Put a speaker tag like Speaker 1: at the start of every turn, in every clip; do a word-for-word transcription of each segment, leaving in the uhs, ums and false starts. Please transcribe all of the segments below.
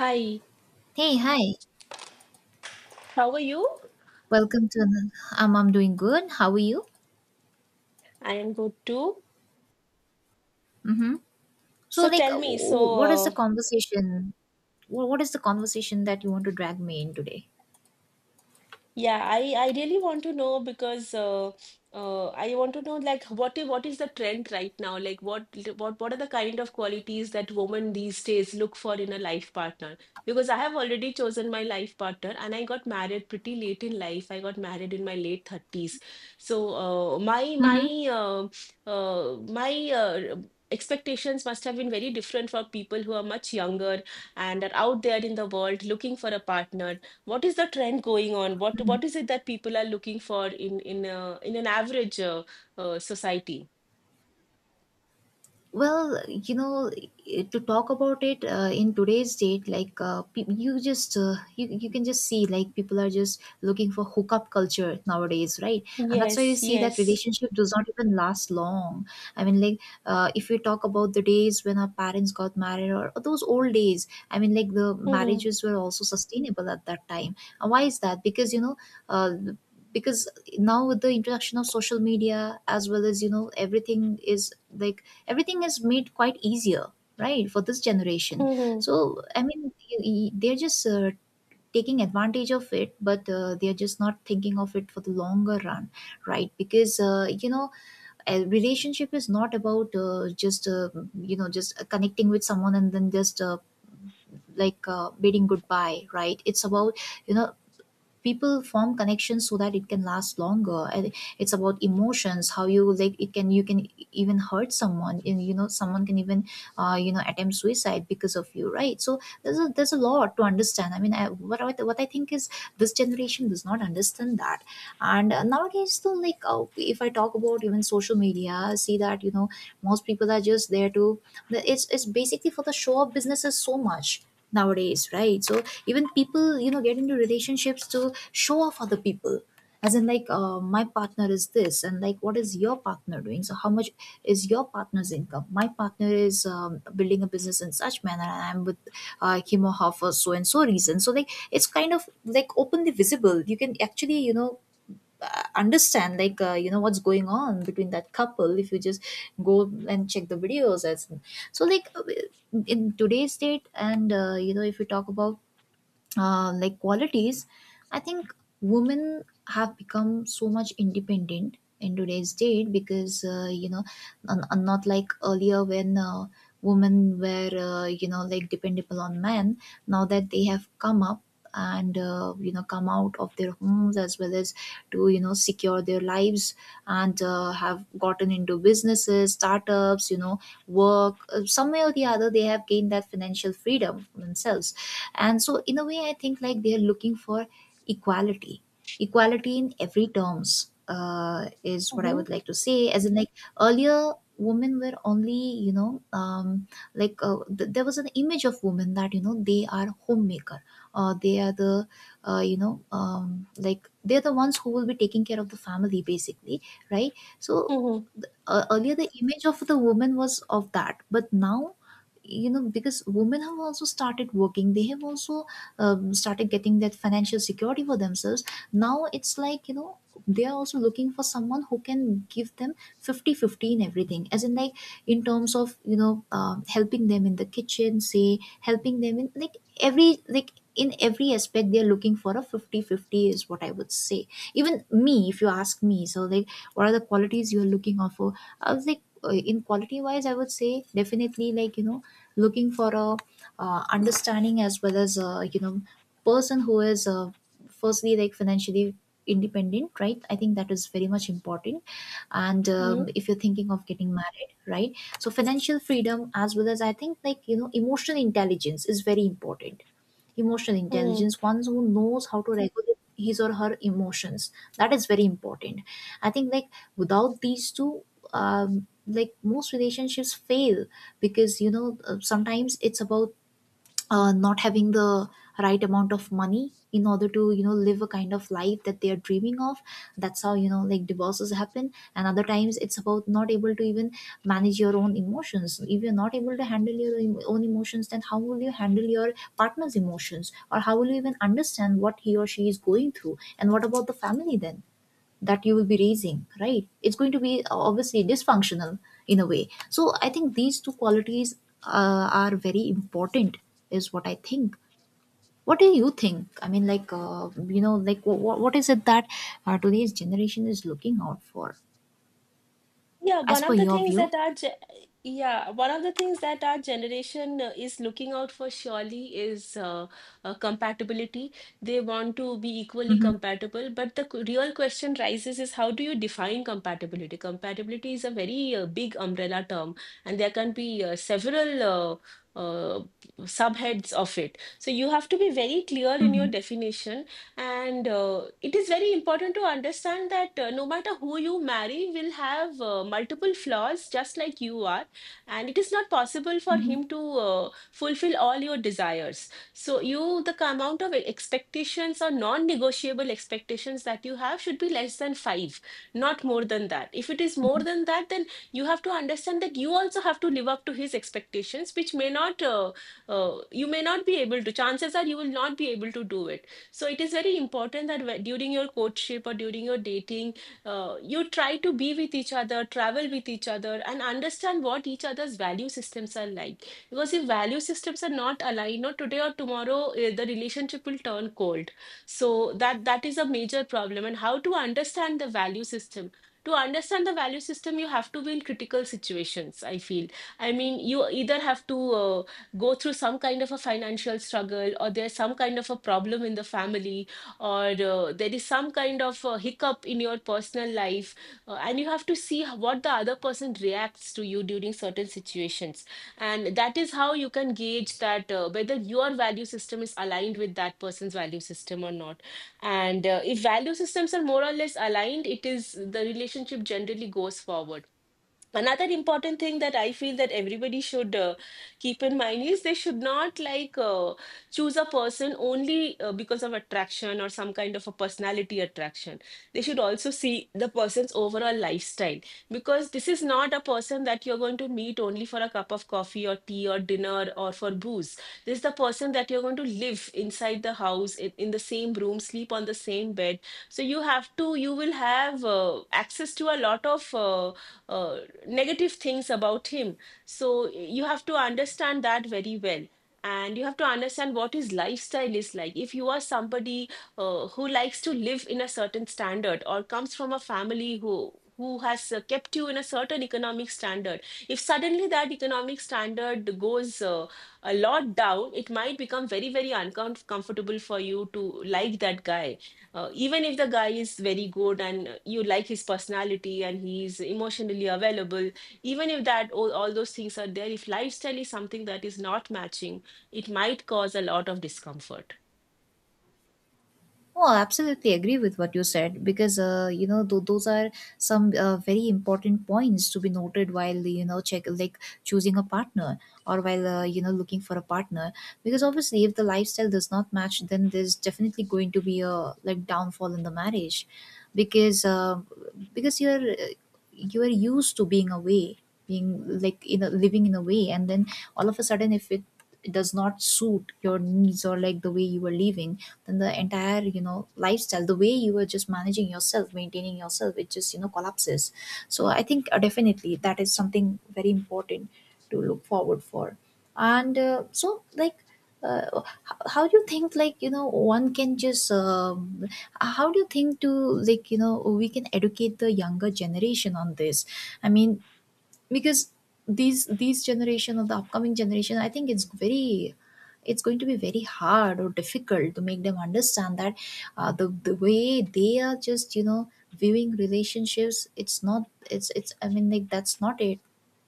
Speaker 1: Hi,
Speaker 2: Hey, hi.
Speaker 1: how are you?
Speaker 2: Welcome to another. Um, I'm doing good. How are you?
Speaker 1: I am good too.
Speaker 2: Mm-hmm. So,
Speaker 1: So
Speaker 2: like,
Speaker 1: tell
Speaker 2: uh,
Speaker 1: me. so
Speaker 2: w- what is
Speaker 1: uh,
Speaker 2: the conversation? What What is the conversation that you want to drag me in today?
Speaker 1: Yeah, I, I really want to know because uh, uh, I want to know, like, what i- what is the trend right now? Like, what what what are the kind of qualities that women these days look for in a life partner? Because I have already chosen my life partner, and I got married pretty late in life. I got married in my late thirties. So uh, my my
Speaker 2: Mm-hmm.
Speaker 1: uh, uh, my uh, Expectations must have been very different for people who are much younger and are out there in the world looking for a partner. What is the trend going on? What what is it that people are looking for in in a, in an average uh, uh, society?
Speaker 2: Well, you know, eh, to talk about it uh, in today's date, like uh, pe- you just uh, you you can just see like people are just looking for hookup culture nowadays, right? And that's why you
Speaker 1: Yes,
Speaker 2: see that
Speaker 1: yes.
Speaker 2: relationship does not even last long. I mean, like uh, if we talk about the days when our parents got married or, or those old days, I mean, like the
Speaker 1: Mm-hmm,
Speaker 2: marriages were also sustainable at that time. And why is that? Because you know. Uh, because now with the introduction of social media, as well as, you know, everything is like, everything is made quite easier, right, for this generation.
Speaker 1: mm-hmm,
Speaker 2: So I mean, y- y- they're just uh, taking advantage of it, but uh, they're just not thinking of it for the longer run, right? Because uh, you know, a relationship is not about uh, just uh, you know, just connecting with someone and then just uh, like uh, bidding goodbye, right? It's about, you know, people form connections so that it can last longer, and it's about emotions. How you like, it can, you can even hurt someone, and you know, someone can even uh, you know, attempt suicide because of you, right? So there's a there's a lot to understand. I mean, I, what, I- what I think is this generation does not understand that. And uh, nowadays though, like uh, if I talk about even social media, I see that, you know, most people are just there to the- it's it's basically for the show of businesses so much nowadays, right? So even people, you know, get into relationships to show off other people, as in like, uh, my partner is this, and like, what is your partner doing, so how much is your partner's income, my partner is um, building a business in such manner, and I'm with uh, him or her for so and so reason. So like, it's kind of like openly visible. You can actually, you know, uh, understand like, uh, you know, what's going on between that couple if you just go and check the videos as well. So like, uh, in today's date, and uh, you know, if you talk about uh, like, qualities, I think women have become so much independent in today's date because uh, you know, un- un- not like earlier when uh, women were, uh, you know, like dependable on men. Now that they have come up and uh, you know, come out of their homes, as well as, to, you know, secure their lives, and uh, have gotten into businesses, startups, you know, work. Uh, some way or the other, they have gained that financial freedom for themselves. And so in a way, I think like, they are looking for equality. Equality in every terms, uh, is what I would like to say, as in like, earlier women were only, you know, um, like uh, th- there was an image of women that, you know, they are homemaker. Uh, they are the uh, you know, um, like they're the ones who will be taking care of the family, basically, right? So
Speaker 1: mm-hmm,
Speaker 2: uh, earlier, the image of the woman was of that, but now, you know, because women have also started working, they have also um, started getting that financial security for themselves. Now it's like, you know, they are also looking for someone who can give them fifty-fifty in everything, as in like, in terms of, you know, um, helping them in the kitchen, say, helping them in like, every, like, in every aspect, they're looking for a fifty-fifty, is what I would say. Even me, if you ask me, so like, what are the qualities you are looking of, I was like, uh, in quality wise, I would say definitely, like, you know, looking for a uh, understanding, as well as a, you know, person who is uh, firstly, like, financially independent, right? I think that is very much important. And
Speaker 1: mm-hmm.
Speaker 2: um, if you're thinking of getting married, right? So financial freedom, as well as, I think, like, you know, emotional intelligence is very important. Emotional intelligence, one who knows how to regulate his or her emotions, that is very important. I think, like, without these two, um, like, most relationships fail, because, you know, uh, sometimes it's about uh, not having the right amount of money in order to, you know, live a kind of life that they are dreaming of. That's how, you know, like divorces happen. And other times it's about not able to even manage your own emotions. If you're not able to handle your em- own emotions, then how will you handle your partner's emotions, or how will you even understand what he or she is going through, and what about the family then that you will be raising, right? It's going to be uh, obviously dysfunctional in a way. So I think these two qualities uh, are very important, is what I think. What do you think? I mean, like, uh, you know, like, what, what is it that uh, today's generation is looking out for,
Speaker 1: Yeah, one
Speaker 2: as per
Speaker 1: of the
Speaker 2: your
Speaker 1: things
Speaker 2: view?
Speaker 1: that our ge- yeah, one of the things that our generation uh, is looking out for surely is uh, uh, compatibility. They want to be equally
Speaker 2: Hmm.
Speaker 1: compatible, but the q- real question rises is, how do you define compatibility? Compatibility is a very uh, big umbrella term, and there can be uh, several uh, uh, subheads of it. So you have to be very clear in your
Speaker 2: Hmm.
Speaker 1: definition, and uh, it is very important to understand that uh, no matter who you marry will have uh, multiple flaws, just like you are. And it is not possible for
Speaker 2: Hmm.
Speaker 1: him to uh, fulfill all your desires. So you, the ca- amount of expectations or non-negotiable expectations that you have should be less than five, not more than that. If it is more than that, then you have to understand that you also have to live up to his expectations, which may not, uh, uh, you may not be able to. Chances are you will not be able to do it. So it is very important that during your courtship or during your dating, uh, you try to be with each other, travel with each other, and understand what each other's value systems are like. Because if value systems are not aligned, not today or tomorrow, eh, the relationship will turn cold. So that that is a major problem. And how to understand the value system? To understand the value system, you have to be in critical situations, I feel. I mean, you either have to uh, go through some kind of a financial struggle, or there's some kind of a problem in the family, or uh, there is some kind of a hiccup in your personal life, uh, and you have to see h- what the other person reacts to you during certain situations. And that is how you can gauge that uh, whether your value system is aligned with that person's value system or not. And uh, if value systems are more or less aligned, it is, the relationship generally goes forward. Another important thing that I feel that everybody should uh, keep in mind is they should not, like uh, choose a person only uh, because of attraction or some kind of a personality attraction. They should also see the person's overall lifestyle, because this is not a person that you're going to meet only for a cup of coffee or tea or dinner or for booze. This is the person that you're going to live inside the house, in, in the same room, sleep on the same bed. So you have to, you will have uh, access to a lot of uh, uh, negative things about him. So you have to understand that very well. And you have to understand what his lifestyle is like. If you are somebody uh, who likes to live in a certain standard or comes from a family who who has uh, kept you in a certain economic standard, if suddenly that economic standard goes uh, a lot down, it might become very, very uncomfortable for you to like that guy, uh, even if the guy is very good and uh, you like his personality and he's emotionally available. Even if that all, all those things are there, if lifestyle is something that is not matching, it might cause a lot of discomfort.
Speaker 2: Oh, I absolutely agree with what you said, because uh, you know, th- those are some uh, very important points to be noted while, you know, check like choosing a partner, or while uh, you know, looking for a partner, because obviously if the lifestyle does not match, then there's definitely going to be a like downfall in the marriage, because uh, because you're uh, you're used to being away, being like in a, living in a way, and then all of a sudden, if it does not suit your needs, or like the way you are living, then the entire, you know, lifestyle, the way you were just managing yourself, maintaining yourself, it just, you know, collapses. So I think uh, definitely that is something very important to look forward for. And uh, so like, uh, h- how do you think, like, you know, one can just um, how do you think to, like, you know, we can educate the younger generation on this? I mean, because these these generation, or the upcoming generation, I think it's very, it's going to be very hard or difficult to make them understand that uh, the the way they are just, you know, viewing relationships, it's not, it's it's, I mean, like, that's not it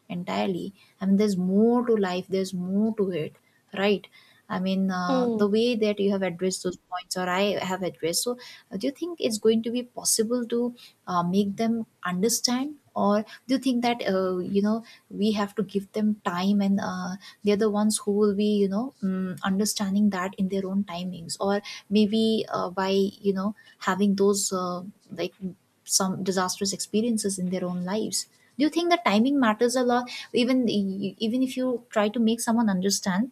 Speaker 2: entirely. I mean, there's more to life, there's more to it, right? I mean, uh, the
Speaker 1: Mm.
Speaker 2: way that you have addressed those points, or I have addressed, so uh, do you think it's going to be possible to uh, make them understand, or do you think that uh, you know, we have to give them time, and uh, they're the ones who will be, you know, um, understanding that in their own timings, or maybe uh, by, you know, having those uh, like some disastrous experiences in their own lives. Do you think the timing matters a lot, even e, even if you try to make someone understand,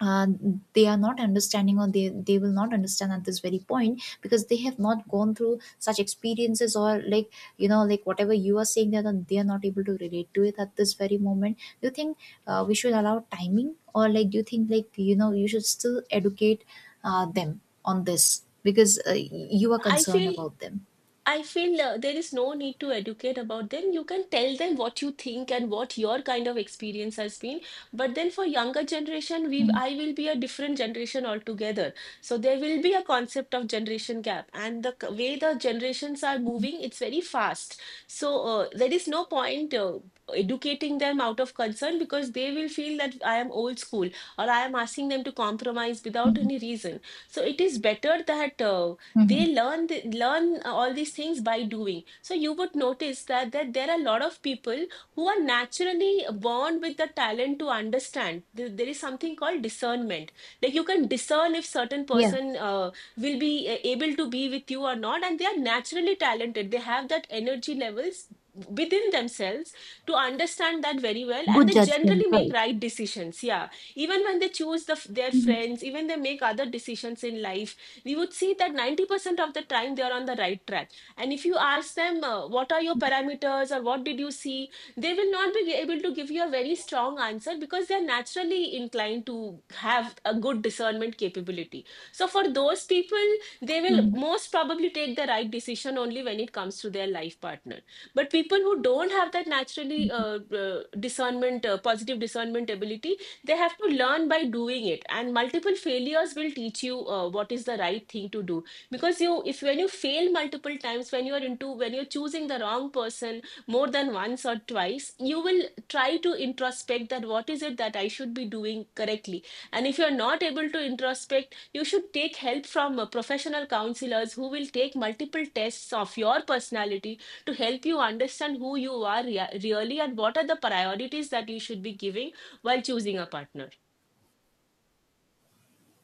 Speaker 2: uh, they are not understanding, or they, they will not understand at this very point, because they have not gone through such experiences, or like, you know, like, whatever you are saying, that they are not, they are not able to relate to it at this very moment? Do you think uh, we should allow timing, or like, do you think, like, you know, you should still educate uh, them on this, because uh, y- you are
Speaker 1: i
Speaker 2: concerned
Speaker 1: feel
Speaker 2: about them?
Speaker 1: I feel uh, there is no need to educate about them. You can tell them what you think and what your kind of experience has been. But then for younger generation, we I will be a different generation altogether. So there will be a concept of generation gap, and the c- way the generations are moving, it's very fast. So uh, there is no point uh, educating them out of concern, because they will feel that I am old school or I am asking them to compromise without
Speaker 2: Mm-hmm.
Speaker 1: any reason. So it is better that. Uh,
Speaker 2: Hmm.
Speaker 1: they learn the, learn uh, all these things by doing. So you would notice that, that there are a lot of people who are naturally born with the talent to understand. There there is something called discernment. Like, you can discern if certain
Speaker 2: Yeah,
Speaker 1: person uh, will be uh, able to be with you or not, and they are naturally talented, they have that energy levels within themselves to understand that very well, and
Speaker 2: good
Speaker 1: they generally
Speaker 2: judgment,
Speaker 1: make
Speaker 2: right?
Speaker 1: right decisions. Yeah, even when they choose the, their friends, even they make other decisions in life. We would see that ninety percent of the time they are on the right track. And if you ask them, uh, what are your parameters or what did you see, they will not be able to give you a very strong answer, because they're naturally inclined to have a good discernment capability. So for those people, they will
Speaker 2: Hmm.
Speaker 1: most probably take the right decision only when it comes to their life partner. But people who don't have that naturally uh, uh, discernment, uh, positive discernment ability, they have to learn by doing it, and multiple failures will teach you uh, what is the right thing to do. Because you if when you fail multiple times, when you are into, when you're choosing the wrong person more than once or twice, you will try to introspect that what is it that I should be doing correctly. And if you're not able to introspect, you should take help from uh, professional counselors who will take multiple tests of your personality to help you understand who you are rea- really and what are the priorities that you should be giving while choosing a partner.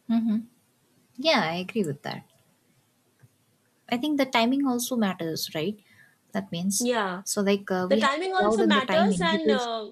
Speaker 2: Hmm. Yeah, I agree with that. I think the timing also matters, right? That means,
Speaker 1: Yeah,
Speaker 2: so like, uh,
Speaker 1: the
Speaker 2: we have to
Speaker 1: timing
Speaker 2: allow
Speaker 1: also
Speaker 2: them the
Speaker 1: matters,
Speaker 2: timing
Speaker 1: and
Speaker 2: because.
Speaker 1: uh,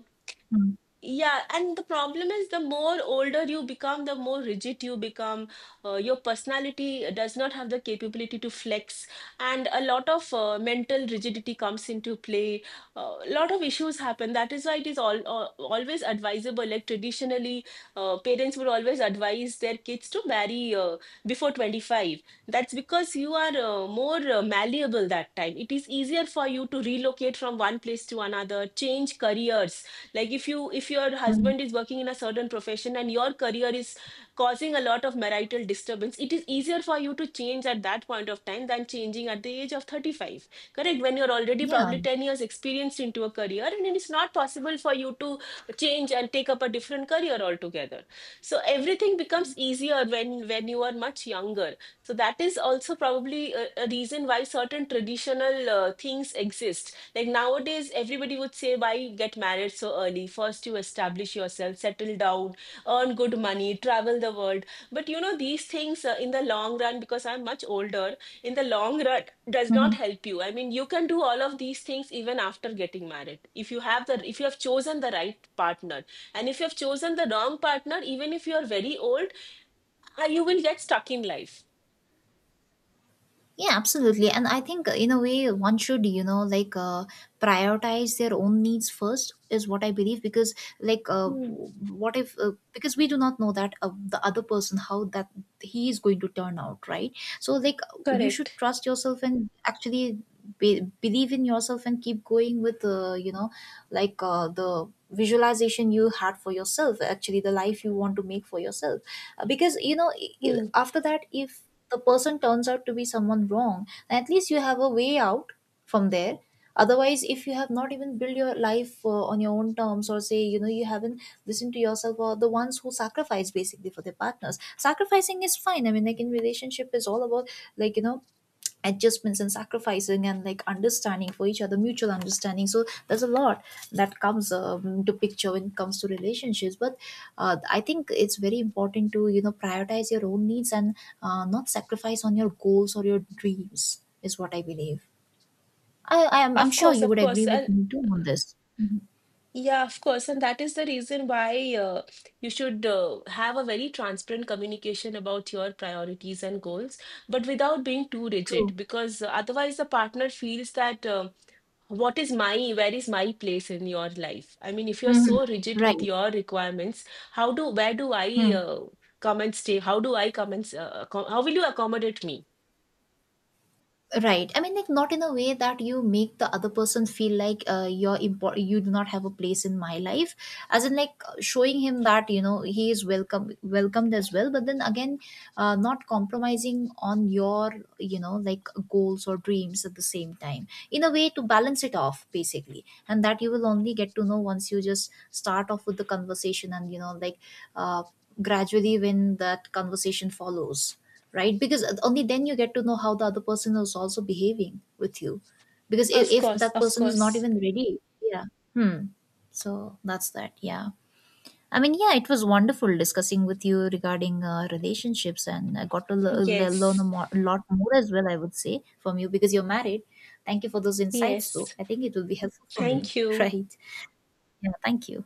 Speaker 2: Mm,
Speaker 1: yeah, and the problem is, the more older you become, the more rigid you become. Uh, your personality does not have the capability to flex, and a lot of uh, mental rigidity comes into play. Uh, A lot of issues happen. That is why it is all, al always advisable. Like, traditionally, uh, parents would always advise their kids to marry uh, before twenty-five. That's because you are uh, more uh, malleable that time. It is easier for you to relocate from one place to another, change careers, like if you, if your
Speaker 2: mm,
Speaker 1: husband is working in a certain profession and your career is causing a lot of marital disturbance, it is easier for you to change at that point of time than changing at the age of thirty-five. Correct, when you're already
Speaker 2: yeah.
Speaker 1: probably ten years experienced into a career, and it is not possible for you to change and take up a different career altogether. So everything becomes easier when when you are much younger. So that is also probably a, a reason why certain traditional uh, things exist. Like nowadays, everybody would say, why get married so early? First, you establish yourself, settle down, earn good money, travel the world. But you know, these things uh, in the long run, because I'm much older, in the long run, does
Speaker 2: Hmm,
Speaker 1: not
Speaker 2: hmm.
Speaker 1: help you. I mean, you can do all of these things even after getting married, if you have the, if you have chosen the right partner. And if you have chosen the wrong partner, even if you are very old, uh, you will get stuck in life.
Speaker 2: Yeah, absolutely. And I think uh, in a way, one should, you know, like, uh, prioritize their own needs first, is what I believe. Because, like, uh,
Speaker 1: Hmm,
Speaker 2: what if uh, because we do not know that uh, the other person, how that he is going to turn out, right? So, like, you should
Speaker 1: correct.
Speaker 2: trust yourself, and actually be- believe in yourself, and keep going with uh, you know, like, uh, the visualization you had for yourself, actually the life you want to make for yourself. Uh, because, you know, i- i-
Speaker 1: Hmm.
Speaker 2: after that, if the person turns out to be someone wrong, at least you have a way out from there. Otherwise, if you have not even built your life uh, on your own terms, or say, you know, you haven't listened to yourself, or the ones who sacrifice basically for their partners, sacrificing is fine. I mean, like, in relationship is all about, like, you know, adjustments and sacrificing and like, understanding for each other, mutual understanding. So there's a lot that comes um, to picture when it comes to relationships. But uh, I think it's very important to, you know, prioritize your own needs, and uh, not sacrifice on your goals or your dreams, is what I believe. i i am I'm
Speaker 1: Of
Speaker 2: sure
Speaker 1: course,
Speaker 2: you
Speaker 1: of
Speaker 2: would
Speaker 1: course.
Speaker 2: agree with
Speaker 1: And
Speaker 2: me too on this. Mhm.
Speaker 1: yeah, of course. And that is the reason why uh, you should uh, have a very transparent communication about your priorities and goals, but without being too
Speaker 2: True.
Speaker 1: rigid, because uh, otherwise the partner feels that uh, what is my, where is my place in your life? I mean, if you're
Speaker 2: Hmm.
Speaker 1: so rigid with
Speaker 2: Right.
Speaker 1: your requirements, how do, where do I
Speaker 2: Hmm.
Speaker 1: uh, come and stay? How do I come and, s- uh, accom- how will you accommodate me?
Speaker 2: Right. I mean, like, not in a way that you make the other person feel like, uh, you're important, you do not have a place in my life, as in like showing him that, you know, he is welcome, welcomed as well. But then again, uh, not compromising on your, you know, like goals or dreams at the same time. In a way to balance it off, basically. And that you will only get to know once you just start off with the conversation, and you know, like, uh, gradually, when that conversation follows, right? Because only then you get to know how the other person is also behaving with you, because if,
Speaker 1: Of
Speaker 2: if
Speaker 1: course,
Speaker 2: that
Speaker 1: of
Speaker 2: person is not
Speaker 1: course.
Speaker 2: even ready, yeah. Hmm. So that's that. Yeah, I mean, yeah, it was wonderful discussing with you regarding uh, relationships, and I got to le- le- learn a
Speaker 1: Yes,
Speaker 2: mo- lot more as well, I would say, from you, because you're married. Thank you for those insights though.
Speaker 1: yes.
Speaker 2: I think it will be helpful for me
Speaker 1: Thank you.
Speaker 2: right. Yeah, thank you.